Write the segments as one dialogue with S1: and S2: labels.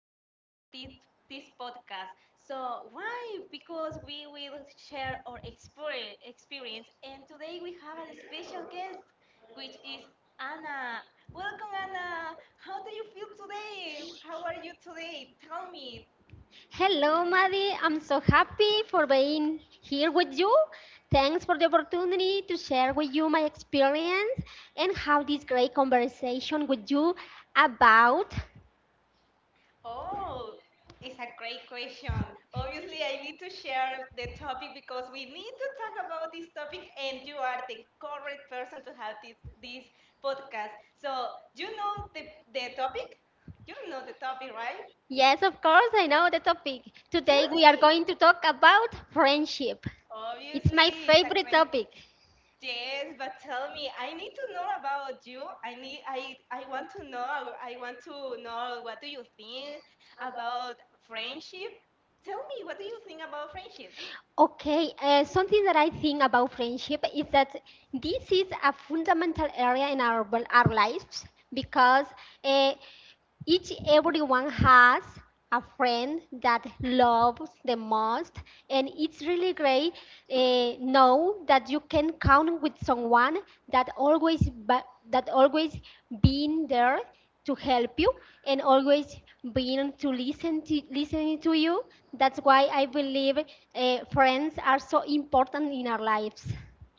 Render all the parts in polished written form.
S1: to have this podcast. So why? Because we will share our experience, and today we have a special guest which is Anna. Welcome Anna. How do you feel today? How are you today? Tell me.
S2: Hello, Maddie. I'm so happy for being here with you. Thanks for the opportunity to share with you my experience and have this great conversation with you about.
S1: Oh, it's a great question. Obviously, I need to share the topic because we need to talk about this topic, and you are the correct person to have this podcast. So, you know the topic? You don't know the topic, right?
S2: Yes, of course, I know the topic.
S1: Tell
S2: Today we are
S1: me.
S2: going to talk about friendship. It's my
S1: Obviously, it's a
S2: favorite
S1: great.
S2: topic.
S1: Yes, but tell me, I need to know about you. I want to know. I want to know, what do you think about friendship? Tell me, what do you think about friendship?
S2: Okay, something that I think about friendship is that this is a fundamental area in our lives because uh, each everyone has a friend that loves the most, and it's really great know that you can count with someone that always being there to help you and always being to listening to you. That's why I believe friends are so important in our lives.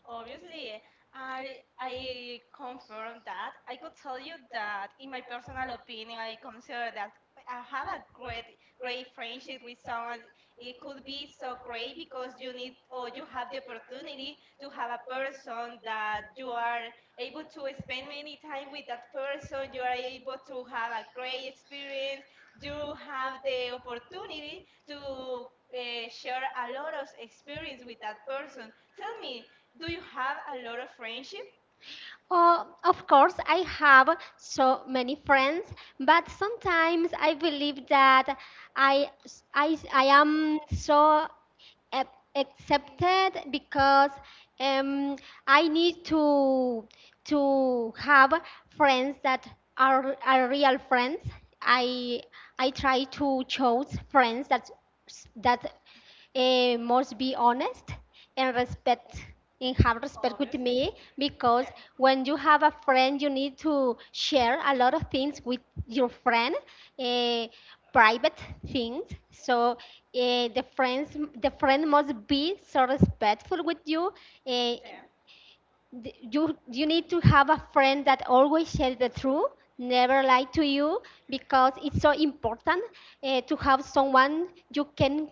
S1: Obviously, I confirm that. I could tell you that, in my personal opinion, I consider that I have a great friendship with someone. It could be so great because you need, or you have the opportunity to have a person that you are able to spend many time with that person. You are able to have a great experience. You have the opportunity to share a lot of experience with that person. Tell me, do you have a lot of friendship?
S2: Of course, I have so many friends, but sometimes I believe that I, I am so ac- accepted because um, I need to have friends that are real friends. I I try to choose friends that must be honest and respect and have respect with
S1: Obviously.
S2: me because
S1: Yeah,
S2: when you have a friend you need to share a lot of things with your friend, uh, private things, so the friend must be so respectful with you. uh,
S1: yeah.
S2: th- you you need to have a friend that always says the truth, never lie to you because it's so important, to have someone you can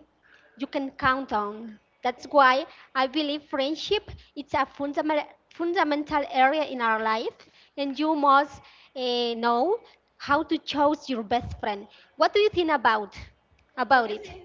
S2: you can count on. That's why I believe friendship it's a fundamental area in our life, and you must know how to choose your best friend. What do you think about it?
S1: Obviously.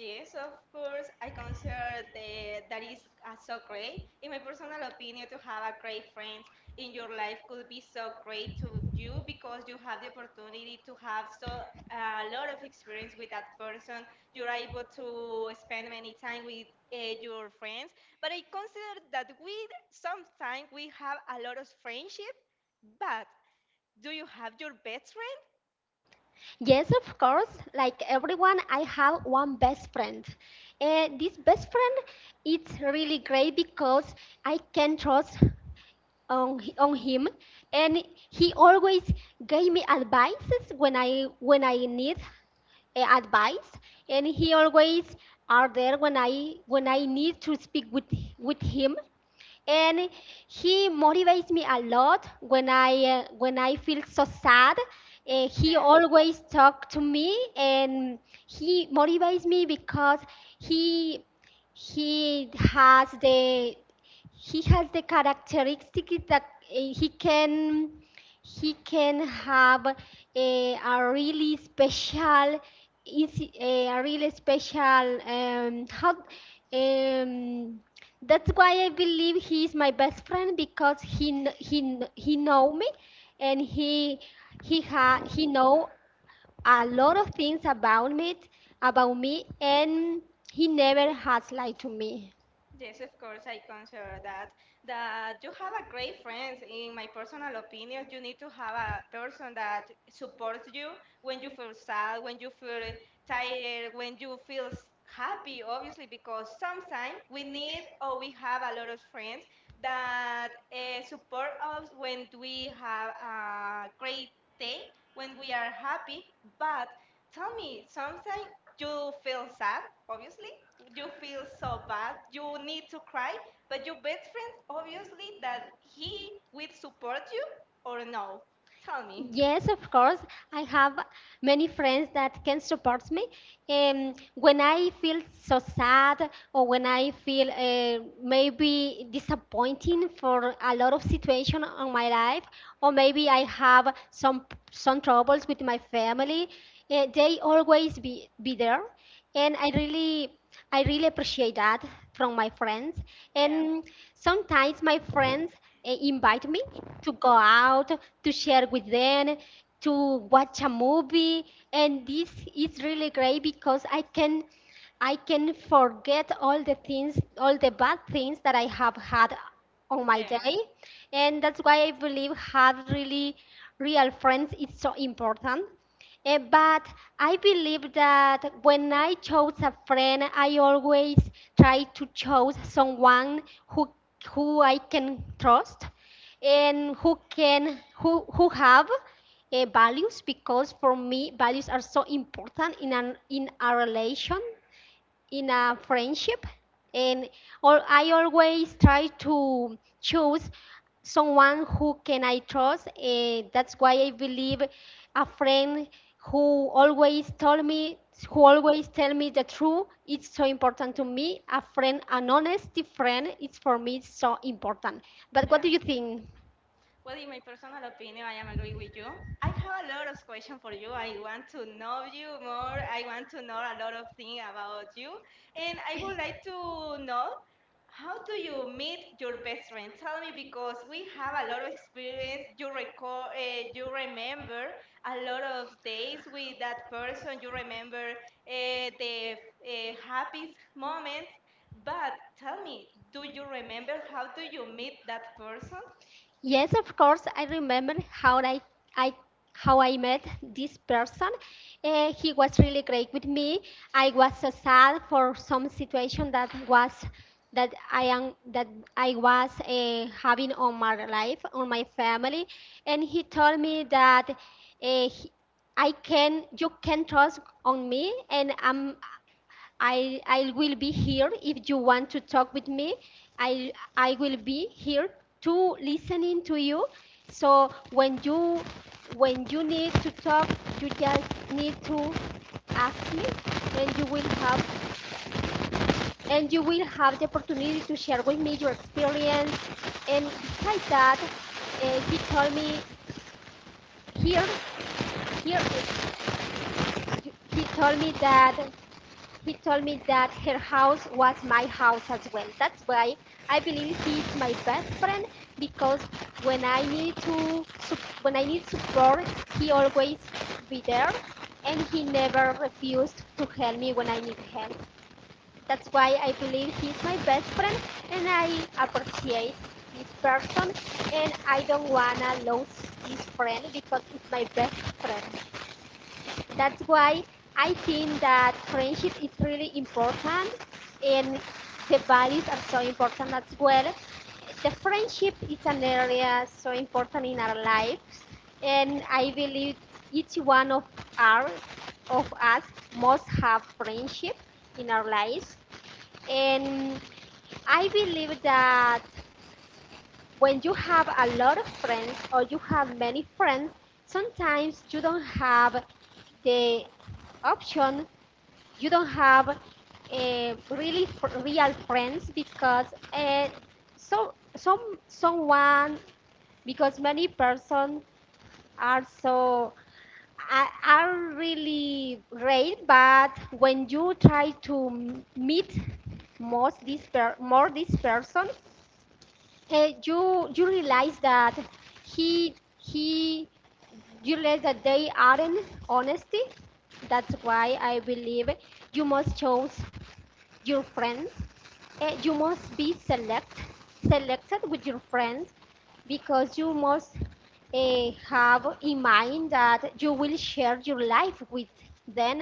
S1: Yes, of course. I consider that is so great. In my personal opinion, to have a great friend in your life could be so great to you because you have the opportunity to have so a lot of experience with that person. You're able to spend many time with your friends. But I consider that we sometimes we have a lot of friendship, but do you have your best friend?
S2: Yes, of course. Like everyone, I have one best friend. And this best friend, it's really great because I can trust on, on him, and he always gave me advices when I need advice, and he always are there when I need to speak with him, and he motivates me a lot when I feel so sad. He
S1: Sam?
S2: always talk to me and he motivates me because he he has the he has the characteristics that he can have a really special is a really special how um, that's why I believe he is my best friend because he know me, and he know a lot of things about me, and he never has lied to me.
S1: Yes, of course, I consider that. That you have a great friend. In my personal opinion, you need to have a person that supports you when you feel sad, when you feel tired, when you feel happy, obviously, because sometimes we need, or we have a lot of friends that support us when we have a great day, when we are happy. But tell me, sometimes you feel sad, obviously you feel so bad, you need to cry, but your best friend, obviously that he will support you, or no? Tell me.
S2: Yes, of course. I have many friends that can support me. When I feel so sad or when I feel maybe disappointing for a lot of situation on my life, or maybe I have some troubles with my family, they always be there, and I really appreciate that from my friends.
S1: yeah
S2: And sometimes my friends invite me to go out, to share with them, to watch a movie. And this is really great because I can forget all the things, all the bad things that I have had on my day.
S1: yeah
S2: And that's why I believe have really real friends is so important. But I believe that when I chose a friend, I always try to choose someone who who I can trust and who who have values, because for me values are so important in an in a relation in a friendship. And or I always try to choose someone who can I trust, and that's why I believe a friend who always tell me the truth, it's so important to me. A friend, an honest friend, it's for me so important. But what do
S1: yeah
S2: you think?
S1: Well, in my personal opinion, I am agree with you. I have a lot of questions for you. I want to know you more. I want to know a lot of things about you, and I would like to know, how do you meet your best friend? Tell me, because we have a lot of experience. You record, you remember a lot of days with that person. You remember the happiest moments. But tell me, do you remember how do you meet that person?
S2: Yes, of course. I remember how I how I met this person. He was really great with me. I was so sad for some situation that was that I am that I was having on my life, on my family, and he told me that eh, he- I can you can trust on me, and I'm I will be here if you want to talk with me. I I will be here to listening to you. So when you need to talk, you just need to ask me, and you will have the opportunity to share with me your experience. And besides that, he told me here here he told me that her house was my house as well. That's why I believe he is my best friend, because when I need to when I need support, he always be there and he never refused to help me when I need help. That's why I believe he is my best friend, and I appreciate this person and I don't wanna lose this friend because it's my best friend. That's why I think that friendship is really important and the values are so important as well. The friendship is an area so important in our lives, and I believe each one of our of us must have friendship in our lives. And I believe that when you have a lot of friends, or you have many friends, sometimes you don't have the option, you don't have really real friends, because uh, someone, because many persons are are really great, but when you try to meet most this more this person, you realize that he you realize that they aren't honesty. That's why I believe you must choose your friends. You must be selected with your friends, because you must have in mind that you will share your life with them.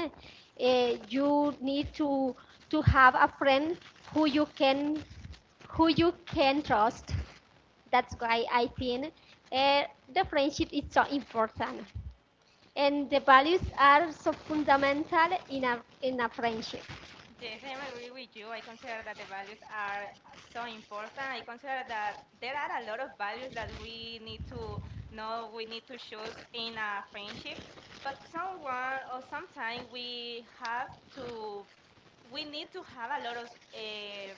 S2: You need to have a friend who you can who you can trust. That's why I think, uh, the friendship is so important, and the values are so fundamental in a friendship.
S1: Yes, I am agree with you. I consider that the values are so important. I consider that there are a lot of values that we need to know, we need to choose in a friendship. But someone, or sometime we have to, we need to have a lot of uh,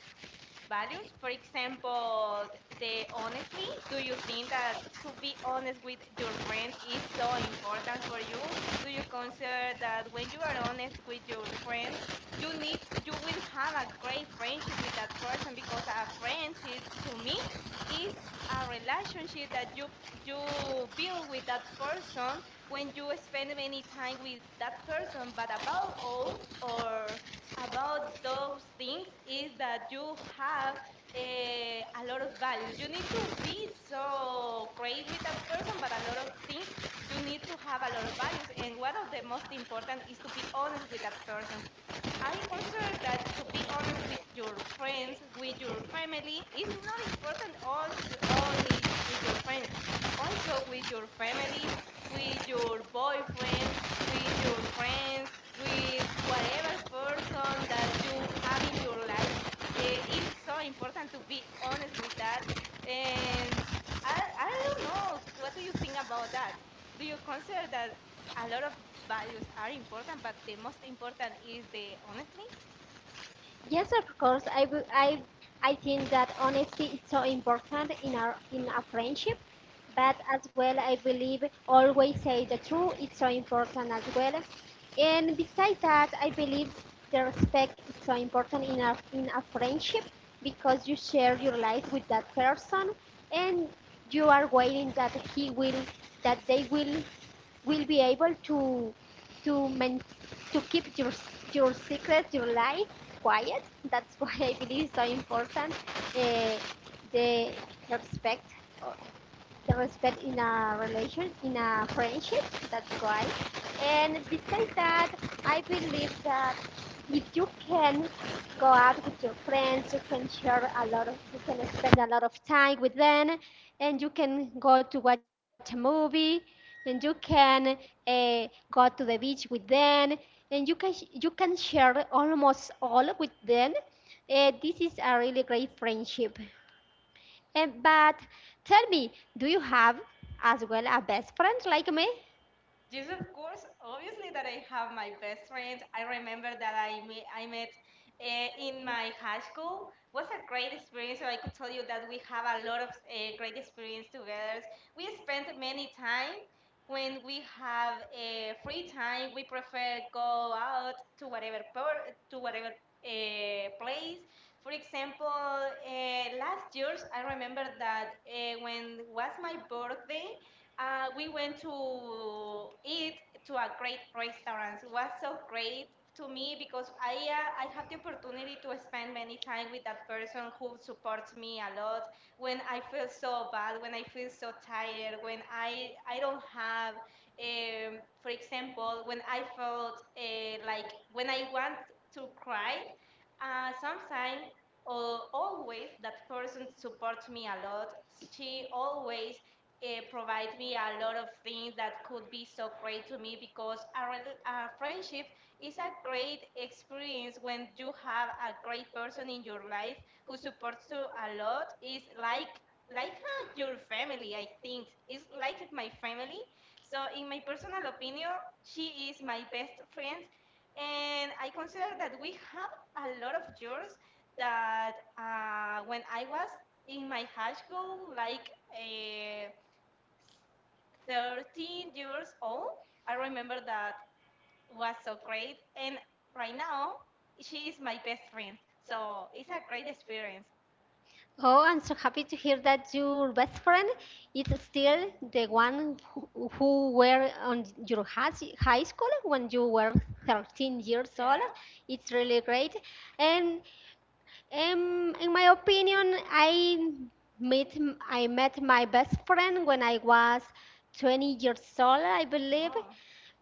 S1: values. For example, the honestly, do you think that to be honest with your friends is so important for you? Do you consider that when you are honest with your friends, you need, you will have a great friendship with that person, because a friendship to me is a relationship that you build with that person when you spend any time with that person, but about all or about those things is that you have a lot of values. You need to be so great with that person, but a lot of things, you need to have a lot of values. And one of the most important is to be honest with that person. I consider that to be honest with your friends, with your family, is not important also only with your friends, also with your family, with your boyfriends, with your friends, with whatever person that you have in your life. It's so important to be honest with that. And I don't know, what do you think about that? Do you consider that a lot of values are important, but the most important is the honestly?
S2: Yes, of course. I wou- I think that honesty is so important in our in a friendship, but as well, I believe always say the truth is so important as well. And besides that, I believe the respect is so important in a friendship, because you share your life with that person, and you are waiting that he will that they will be able to men- to keep your secret, your life quiet. That's why I believe it's so important. Uh, the respect the respect in a relation, in a friendship. That's right. And besides that, I believe that if you can go out with your friends, you can share a lot of, you can spend a lot of time with them, and you can go to watch a movie, and you can uh, go to the beach with them, and you can share almost all with them. This is a really great friendship. But tell me, do you have as well a best friend like me?
S1: Yes, of course. Obviously, that I have my best friend. I remember that I met in my high school. Was a great experience. So I could tell you that we have a lot of great experience together. We spent many time when we have free time. We prefer go out to to whatever place. For example, last years I remember that when was my birthday. We went to eat to a great restaurant. It was so great to me because I have the opportunity to spend many time with that person who supports me a lot when I feel so bad, when I feel so tired, when I don't have, for example, when I felt like when I want to cry, sometimes always that person supports me a lot. She always it provides me a lot of things that could be so great to me because a friendship is a great experience when you have a great person in your life who supports you a lot, is like your family. I think it's like my family. So in my personal opinion, she is my best friend, and I consider that we have a lot of years that when I was in my high school like uh, 13 years old. I remember that was so great. And right now, she is my best friend. So it's a great experience.
S2: Oh, I'm so happy to hear that your best friend is still the one who were on your high school when you were 13 years old.
S1: Yeah.
S2: It's really great. And in my opinion, met I met my best friend when I was 20 years old, I believe,
S1: Oh,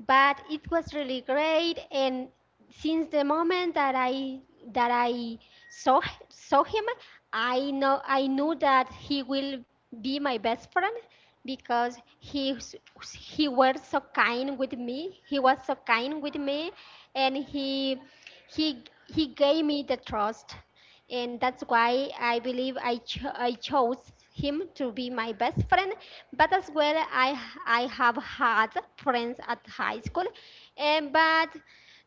S2: but it was really great. And since the moment that I saw him, I knew that he will be my best friend because he was so kind with me. He was so kind with me, and he gave me the trust, and that's why I believe I chose him to be my best friend. But as well, I have had friends at high school, and but.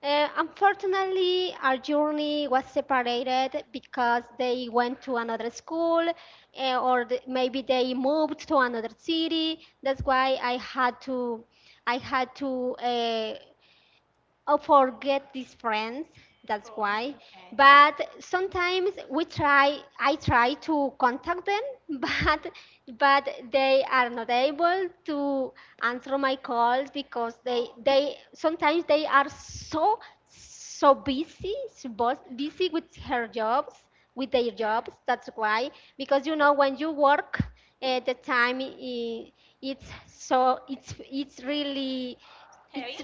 S2: Unfortunately, our journey was separated because they went to another school, or maybe they moved to another city. That's why I had to or forget these friends. That's
S1: oh,
S2: why,
S1: okay. Yeah.
S2: but sometimes we try I try to contact them but but they are not able to answer my calls because
S1: Oh,
S2: they sometimes they are so busy busy with her jobs with their
S1: yeah.
S2: jobs. That's why, because you know, when you work, the time it's so
S1: Heavy
S2: it's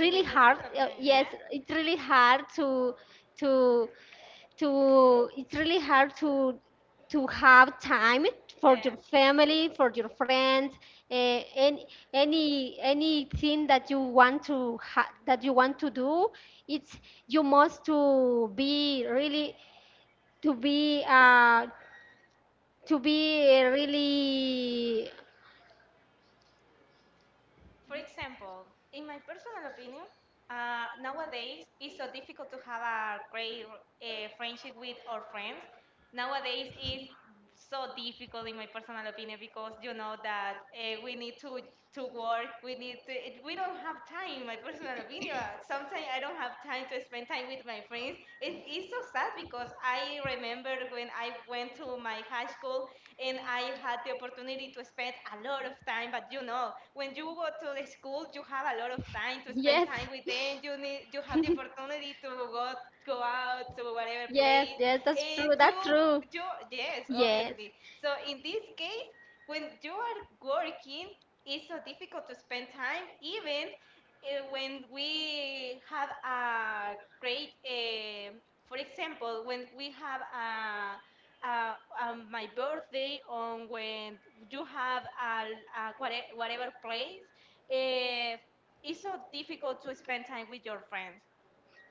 S1: in my personal
S2: hard
S1: opinion.
S2: yes,
S1: Yeah.
S2: it's really hard to to it's really hard to have time for
S1: Yeah.
S2: your family, for your friends, uh, any anything that you want that you want to do, it's you must to be really to be uh, to be really.
S1: For example, in my personal opinion, nowadays it's so difficult to have a great friendship with our friends. Nowadays it's so difficult, in my personal opinion, because you know that we need to work. We need to, we don't have time. In my personal opinion, sometimes I don't have time to spend time with my friends. And it's so sad because I remember when I went to my high school and I had the opportunity to spend a lot of time. But you know, when you go to the school, you have a lot of time to spend
S2: Yes.
S1: time with them. You need, you have the opportunity to go out to whatever
S2: Yes,
S1: place,
S2: yes, that's
S1: and
S2: true. That's
S1: you
S2: true.
S1: you yes,
S2: Yes.
S1: obviously. So in this case, when you are working, it's so difficult to spend time even when we have a great, for example, when we have a uh, my birthday on when you have a whatever place, eh, it's so difficult to spend time with your friends.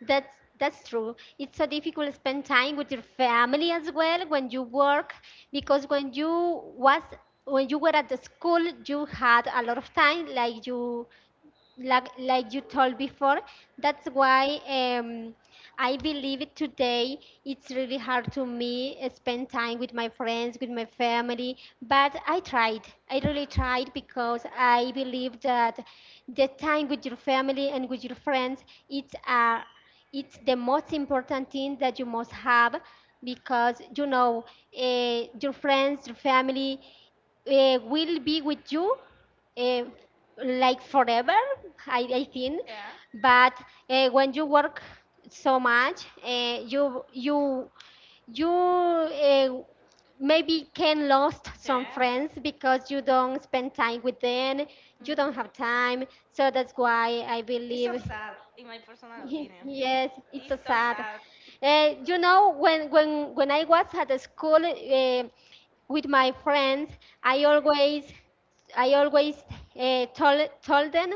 S2: That's true. It's so difficult to spend time with your family as well when you work, because when you were at the school you had a lot of time, like you told before. That's why I believe today it's really hard to me, spend time with my friends, with my family. But I tried, I really tried, because I believe that the time with your family and with your friends, it's the most important thing that you must have. Because your friends, your family, will be with you, uh, like forever, I think.
S1: Yeah.
S2: But when you work so much, you maybe can lost some
S1: Yes.
S2: friends because you don't spend time with them. You don't have
S1: hmm
S2: time, so that's why I
S1: It's so
S2: believe.
S1: sad, in my personal opinion.
S2: Yes, it's so
S1: It's so
S2: sad.
S1: sad.
S2: When I was at the school, with my friends, I always I always told them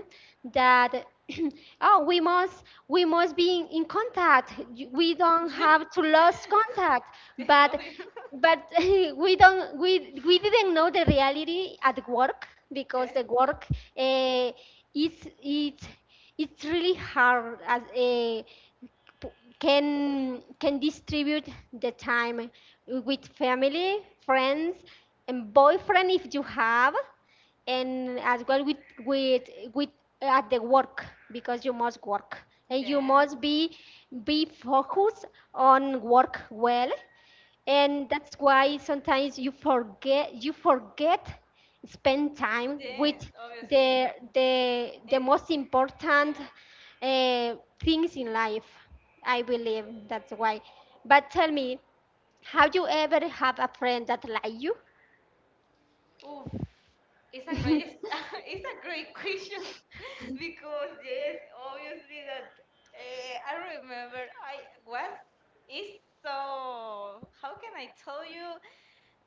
S2: that oh, we must be in contact. We don't have to lose contact,
S1: Yes,
S2: but
S1: obvious.
S2: but we don't we didn't know the reality at work, because
S1: Yeah.
S2: the work, uh, is it it's really hard, as a p- can distribute the time with family, friends, and boyfriend if you have, and as well with with at the work, because you must work and you
S1: Yeah.
S2: must be focused on work well. And that's why sometimes you forget spend time
S1: Yes,
S2: with
S1: obviously.
S2: the
S1: It,
S2: most important
S1: yeah.
S2: uh, things in life, I believe. That's why, but tell me, have you ever have a friend that like you?
S1: Oof. It's a it's a great question because yes, obviously that I remember I was, it's so, how can I tell you?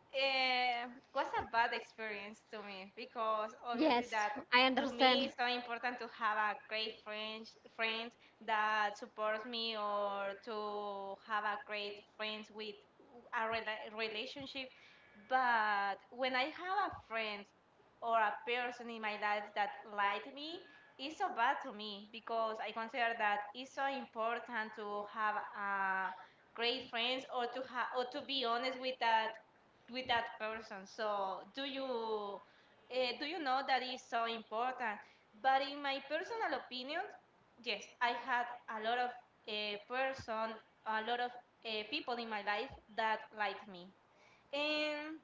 S1: Eh, was a bad experience to me because obviously
S2: Yes,
S1: that
S2: I
S1: to me
S2: understand.
S1: it's so important to have a great friend that supports me, or to have a great friends with a relationship. But when I have a friend or a person in my life that lied me, it's so bad to me because I consider that it's so important to have a great friends, or to or to be honest with that person. So do you know that is so important? But in my personal opinion, yes, I had a lot of person, a lot of people in my life that liked me. And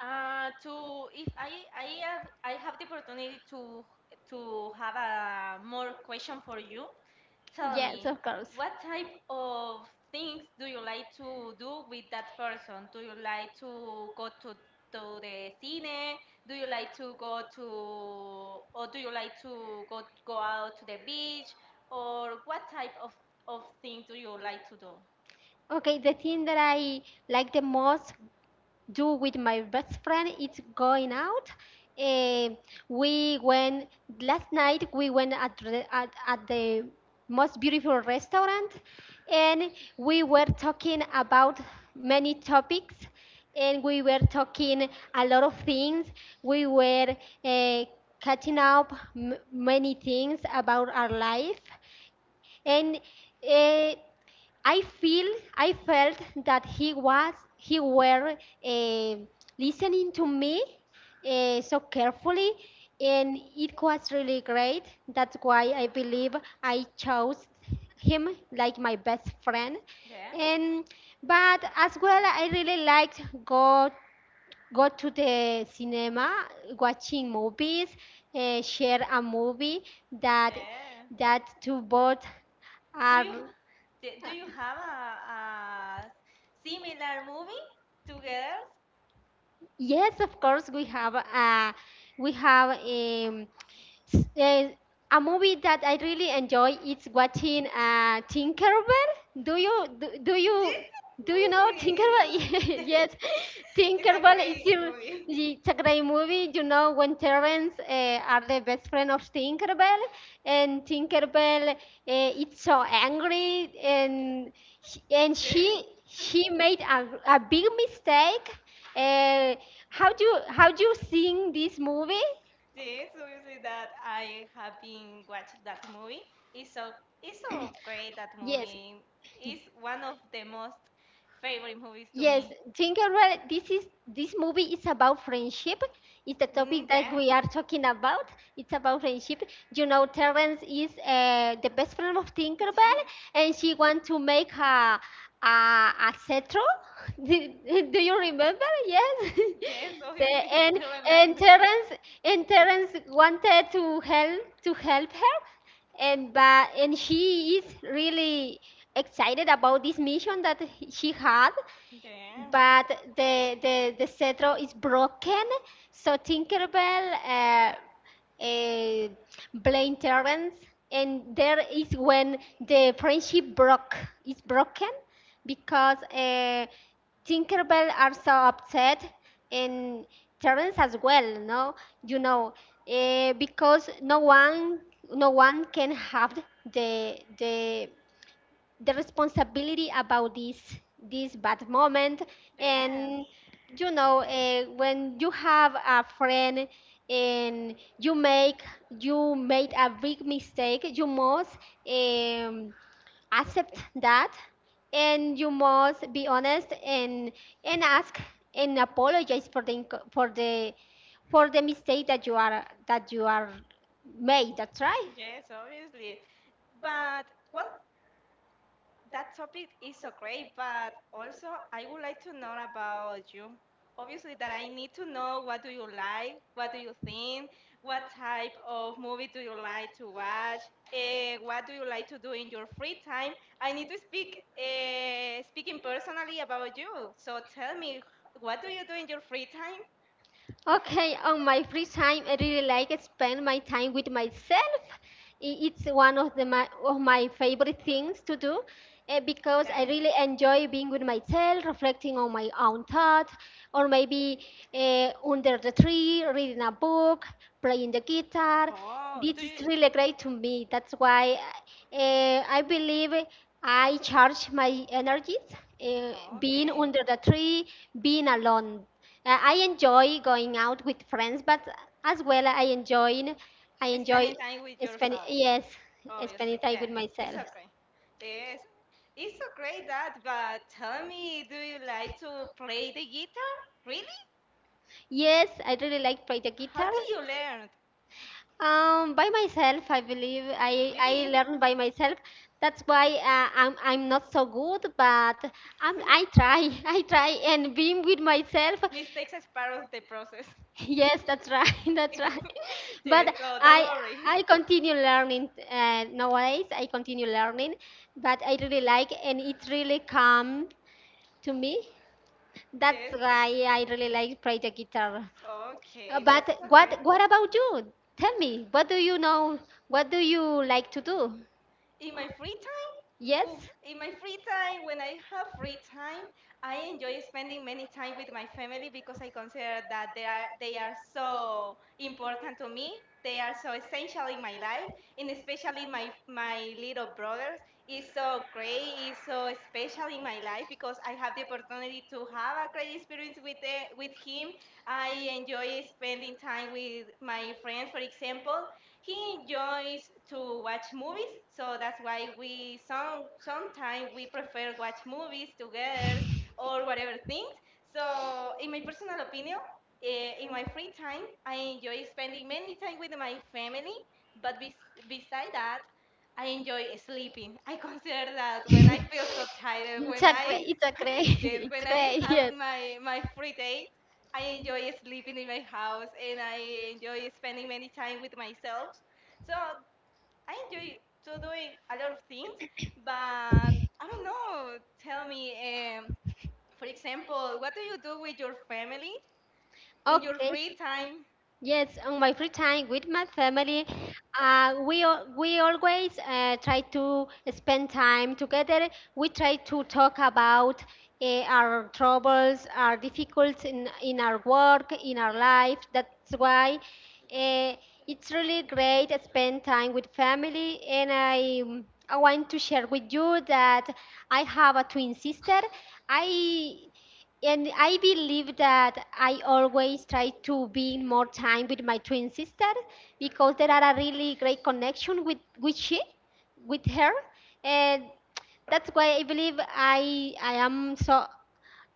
S1: to if I have I have the opportunity to have a more question for you. Tell
S2: Yes,
S1: me,
S2: of course.
S1: what type of things do you like to do with that person? Do you like to go to the cine? Do you like to go to, or do you like to go out to the beach? Or what type of thing do you like to do?
S2: Okay, the thing that I like the most do with my best friend, it's going out. Eh, we went last night, we went at the most beautiful restaurant, and we were talking about many topics, and we were talking a lot of things. We were, eh, catching up many things about our life, and uh, I feel I felt that he were, uh, listening to me, so carefully, and it was really great. That's why I believe I chose him like my best friend.
S1: Yeah.
S2: And but as well I really liked go to the cinema, watching movies, share a movie that
S1: Yeah.
S2: to both
S1: Do
S2: are.
S1: you do you have a similar movie together?
S2: Yes, of course, we have Uh, a movie that I really enjoy is watching, Tinkerbell. Do you do, do you
S1: Yes,
S2: do you know
S1: obviously. It's
S2: Tinkerbell?
S1: a,
S2: Yes,
S1: it's a
S2: Tinkerbell is
S1: great
S2: a,
S1: movie.
S2: it's a great movie. You know, when Terrence, are the best friend of Tinkerbell, and Tinkerbell, it's so angry, and she- and
S1: Yes,
S2: she she made a big mistake. Uh, how do you sing this movie?
S1: yes, obviously that I have been watched that movie. It's so great that
S2: Yes,
S1: movie. It's one of the most favorite movies to
S2: yes,
S1: me.
S2: Gingerbread, this movie is about friendship. It's the
S1: Mm,
S2: topic that
S1: yeah.
S2: we are talking about. It's about friendship. You know, Terrence is, the best friend of Tinkerbell, and she wants to make a cetro. Do, do you remember? Yes.
S1: Yes,
S2: The-
S1: obviously.
S2: and
S1: I
S2: and
S1: remember.
S2: Terrence and Terrence wanted to help her, and she is really excited about this mission that she had,
S1: Yeah.
S2: but the cetro is broken. So Tinkerbell, uh, blamed Terrence, and there is when the friendship broke is broken, because, Tinkerbell are so upset and Terrence as well. No, you know, uh, because no one can have the the the responsibility about this bad moment.
S1: Yeah.
S2: And when you have a friend and you made a big mistake, you must, um, accept that, and you must be honest, and ask and apologize for the inco- for the mistake that you are that you are made. That's right.
S1: Yes, obviously. But well, that topic is so great, but also I would like to know about you. Obviously, that I need to know what do you like, what do you think, what type of movie do you like to watch, what do you like to do in your free time. I need to speak speaking personally about you. So tell me, what do you do in your free time?
S2: Okay, on my free time, I really like to spend my time with myself. It's one of my favorite things to do, because
S1: Yeah.
S2: I really enjoy being with myself, reflecting on my own thoughts, or maybe, under the tree, reading a book, playing the guitar.
S1: Oh, do
S2: This is
S1: you?
S2: really great to me. That's why, I believe I charge my energies, uh,
S1: Oh,
S2: being
S1: okay.
S2: under the tree, being alone. I enjoy going out with friends, but as well I enjoy I enjoy.
S1: Spending time with
S2: Spani-
S1: yourself,
S2: yes, spending
S1: obviously.
S2: time
S1: Yeah,
S2: with
S1: it's
S2: myself.
S1: okay. Yes, it's okay that, but tell me, do you like to play the guitar? Really?
S2: Yes, I really like play the
S1: How
S2: guitar.
S1: did you learn?
S2: By myself, I believe I
S1: Really?
S2: learned by myself. That's why, I'm not so good, but I try. I try and being with myself.
S1: Mistakes are part of the process.
S2: Yes, that's right. That's right.
S1: Yes,
S2: But
S1: so don't
S2: I
S1: worry.
S2: I continue learning, nowadays. I continue learning, but I really like, and it really calm to me. That's
S1: Yes.
S2: why I really like play the guitar.
S1: Okay,
S2: But
S1: that's okay.
S2: what about you? Tell me, what do you know? What do you like to do?
S1: In my free time,
S2: Yes?
S1: oof, in my free time, when I have free time, I enjoy spending many time with my family because I consider that they are so important to me. They are so essential in my life, and especially my little brothers is so great, is so special in my life because I have the opportunity to have a great experience with with him. I enjoy spending time with my friends, for example, he enjoys to watch movies, so that's why we sometimes we prefer watch movies together or whatever things. So, in my personal opinion, in my free time, I enjoy spending many time with my family. But beside that, I enjoy sleeping. I consider that when I feel so tired, when I yes,
S2: It's
S1: when I
S2: great.
S1: have
S2: Yes.
S1: my free day, I enjoy sleeping in my house and I enjoy spending many time with myself. So I enjoy to doing a lot of things, but I don't know. Tell me, um, for example, what do you do with your family in your free
S2: Okay.
S1: time?
S2: Yes, on my free time with my family, we always try to spend time together. We try to talk about, our troubles, our difficulties in our work, in our life. That's why, uh, it's really great to spend time with family. And I want to share with you that I have a twin sister. I I believe that I always try to be more time with my twin sister, because there are a really great connection with she, with her. And that's why I believe I I am so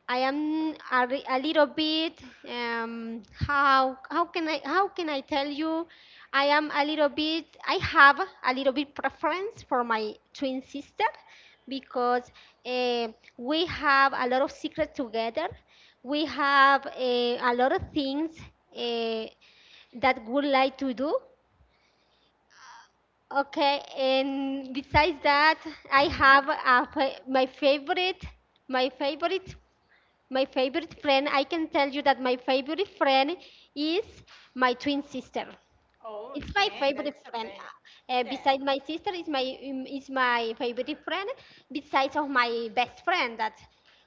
S2: I am a, re- a little bit, how, how can I tell you, I have a little bit preference for my twin sister, because, eh, we have a lot of secrets together. We have, a lot of things, eh, that would like to do. Okay, and besides that, I have a, fa- my favorite my favorite my favorite friend. I can tell you that my favorite friend is my twin sister.
S1: Oh,
S2: It's my
S1: okay, that
S2: favorite
S1: is
S2: friend.
S1: okay. Yeah.
S2: Beside my sister, is my favorite friend. Besides of my best friend, that,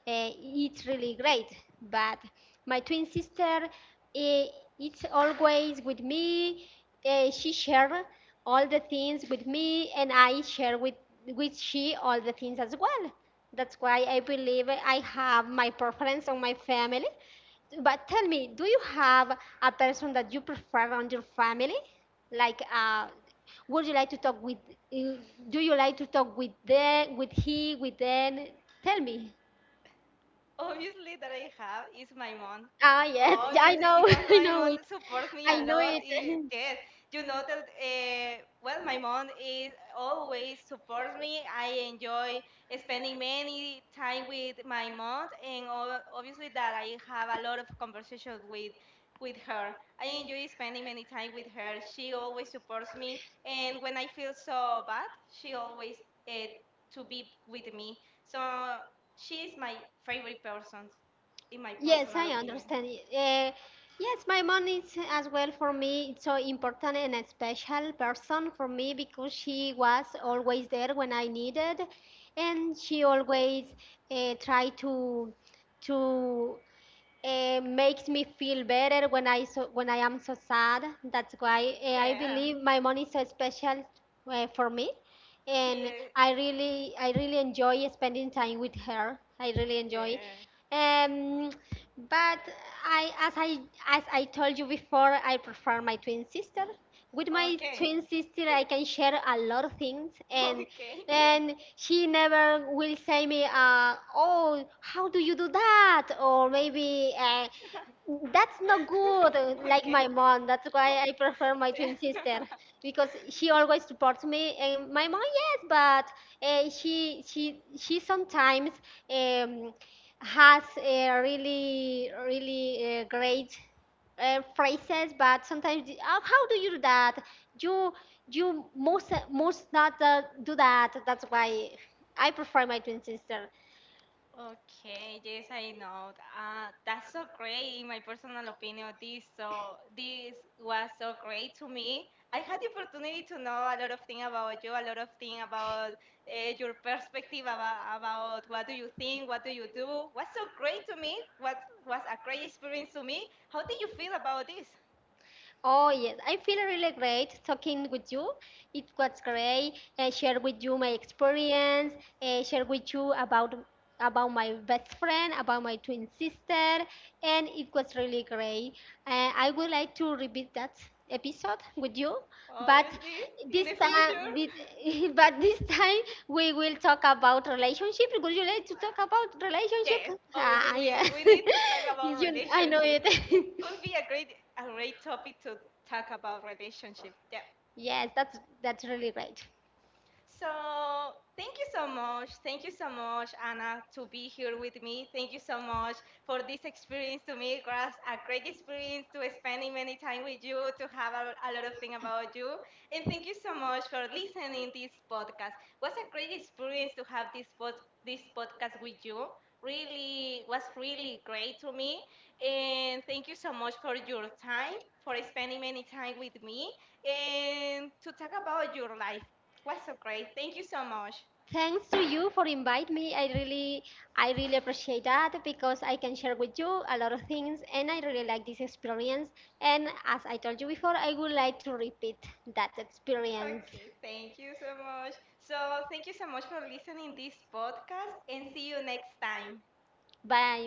S2: it's really great. But my twin sister, it's always with me. She share all the things with me, and I share with she all the things as well. That's why I believe I have my preference on my family. But tell me, do you have a person that you prefer on your family? Like, would you like to talk with? uh, Do you like to talk with them, with he, with them? Tell me.
S1: Obviously, that I have is my mom.
S2: Ah, yes, yeah, I
S1: Obviously,
S2: know.
S1: because
S2: I
S1: my
S2: know
S1: mom
S2: it,
S1: supports me
S2: I
S1: a
S2: know
S1: lot.
S2: it.
S1: Yes, you know that. Well, my mom is always supports me. I enjoy spending many time with my mom, and obviously that I have a lot of conversations with her. I enjoy spending many time with her. She always supports me, and when I feel so bad, she always uh, to be with me. So she is my favorite person, in my
S2: Yes,
S1: personal
S2: I
S1: opinion.
S2: understand. Uh, yes, my mom is as well for me so important and a special person for me, because she was always there when I needed, and she always, tried to it makes me feel better when I am so sad. That's why, I
S1: Yeah,
S2: believe my money is so special, for me,
S1: she.
S2: and I really enjoy spending time with her. I really enjoy.
S1: Yeah.
S2: Um, but I as I as I told you before, I prefer my twin sister. With my
S1: Okay.
S2: twin sister I can share a lot of things, and
S1: Okay. Yeah.
S2: and she never will say me, oh, how do you do that, or maybe, that's not good, like
S1: Okay.
S2: my mom. That's why I prefer my twin
S1: Yeah.
S2: sister, because she always supports me. And my mom, yes, but, she sometimes, um, has a really really, great, phrases, but sometimes, oh, how do you do that, you you most not, do that. That's why I prefer my twin sister.
S1: Okay, yes, I know. That's so great, in my personal opinion. This was so great to me. I had the opportunity to know a lot of things about you, a lot of things about your perspective about what do you think, what do you do. What's so great to me? What was a great experience to me? How do you feel about this?
S2: Oh, yes, I feel really great talking with you. It was great. I share with you my experience, share with you about my best friend, about my twin sister, and it was really great. I would like to repeat that episode with you, but
S1: Obviously, in
S2: this
S1: the future.
S2: time, with- but this time we will talk about relationship. Would you like to talk about
S1: Yes,
S2: relationship?
S1: obviously
S2: Ah, yeah,
S1: we need to talk about
S2: you, I know
S1: relationships. It
S2: it.
S1: would be a great topic to talk about relationships. Yeah.
S2: Yes, that's really great.
S1: So thank you so much. Thank you so much, Anna, to be here with me. Thank you so much for this experience to me. It was a great experience to spending many time with you, to have a lot of things about you. And thank you so much for listening this podcast. It was a great experience to have this podcast with you. Really was really great to me. And thank you so much for your time, for spending many time with me and to talk about your life was so great. Thank you so much.
S2: Thanks to you for inviting me. I really appreciate that, because I can share with you a lot of things, and I really like this experience. And as I told you before, I would like to repeat that experience.
S1: Okay, thank you so much. So, thank you so much for listening this podcast and see you next time.
S2: Bye.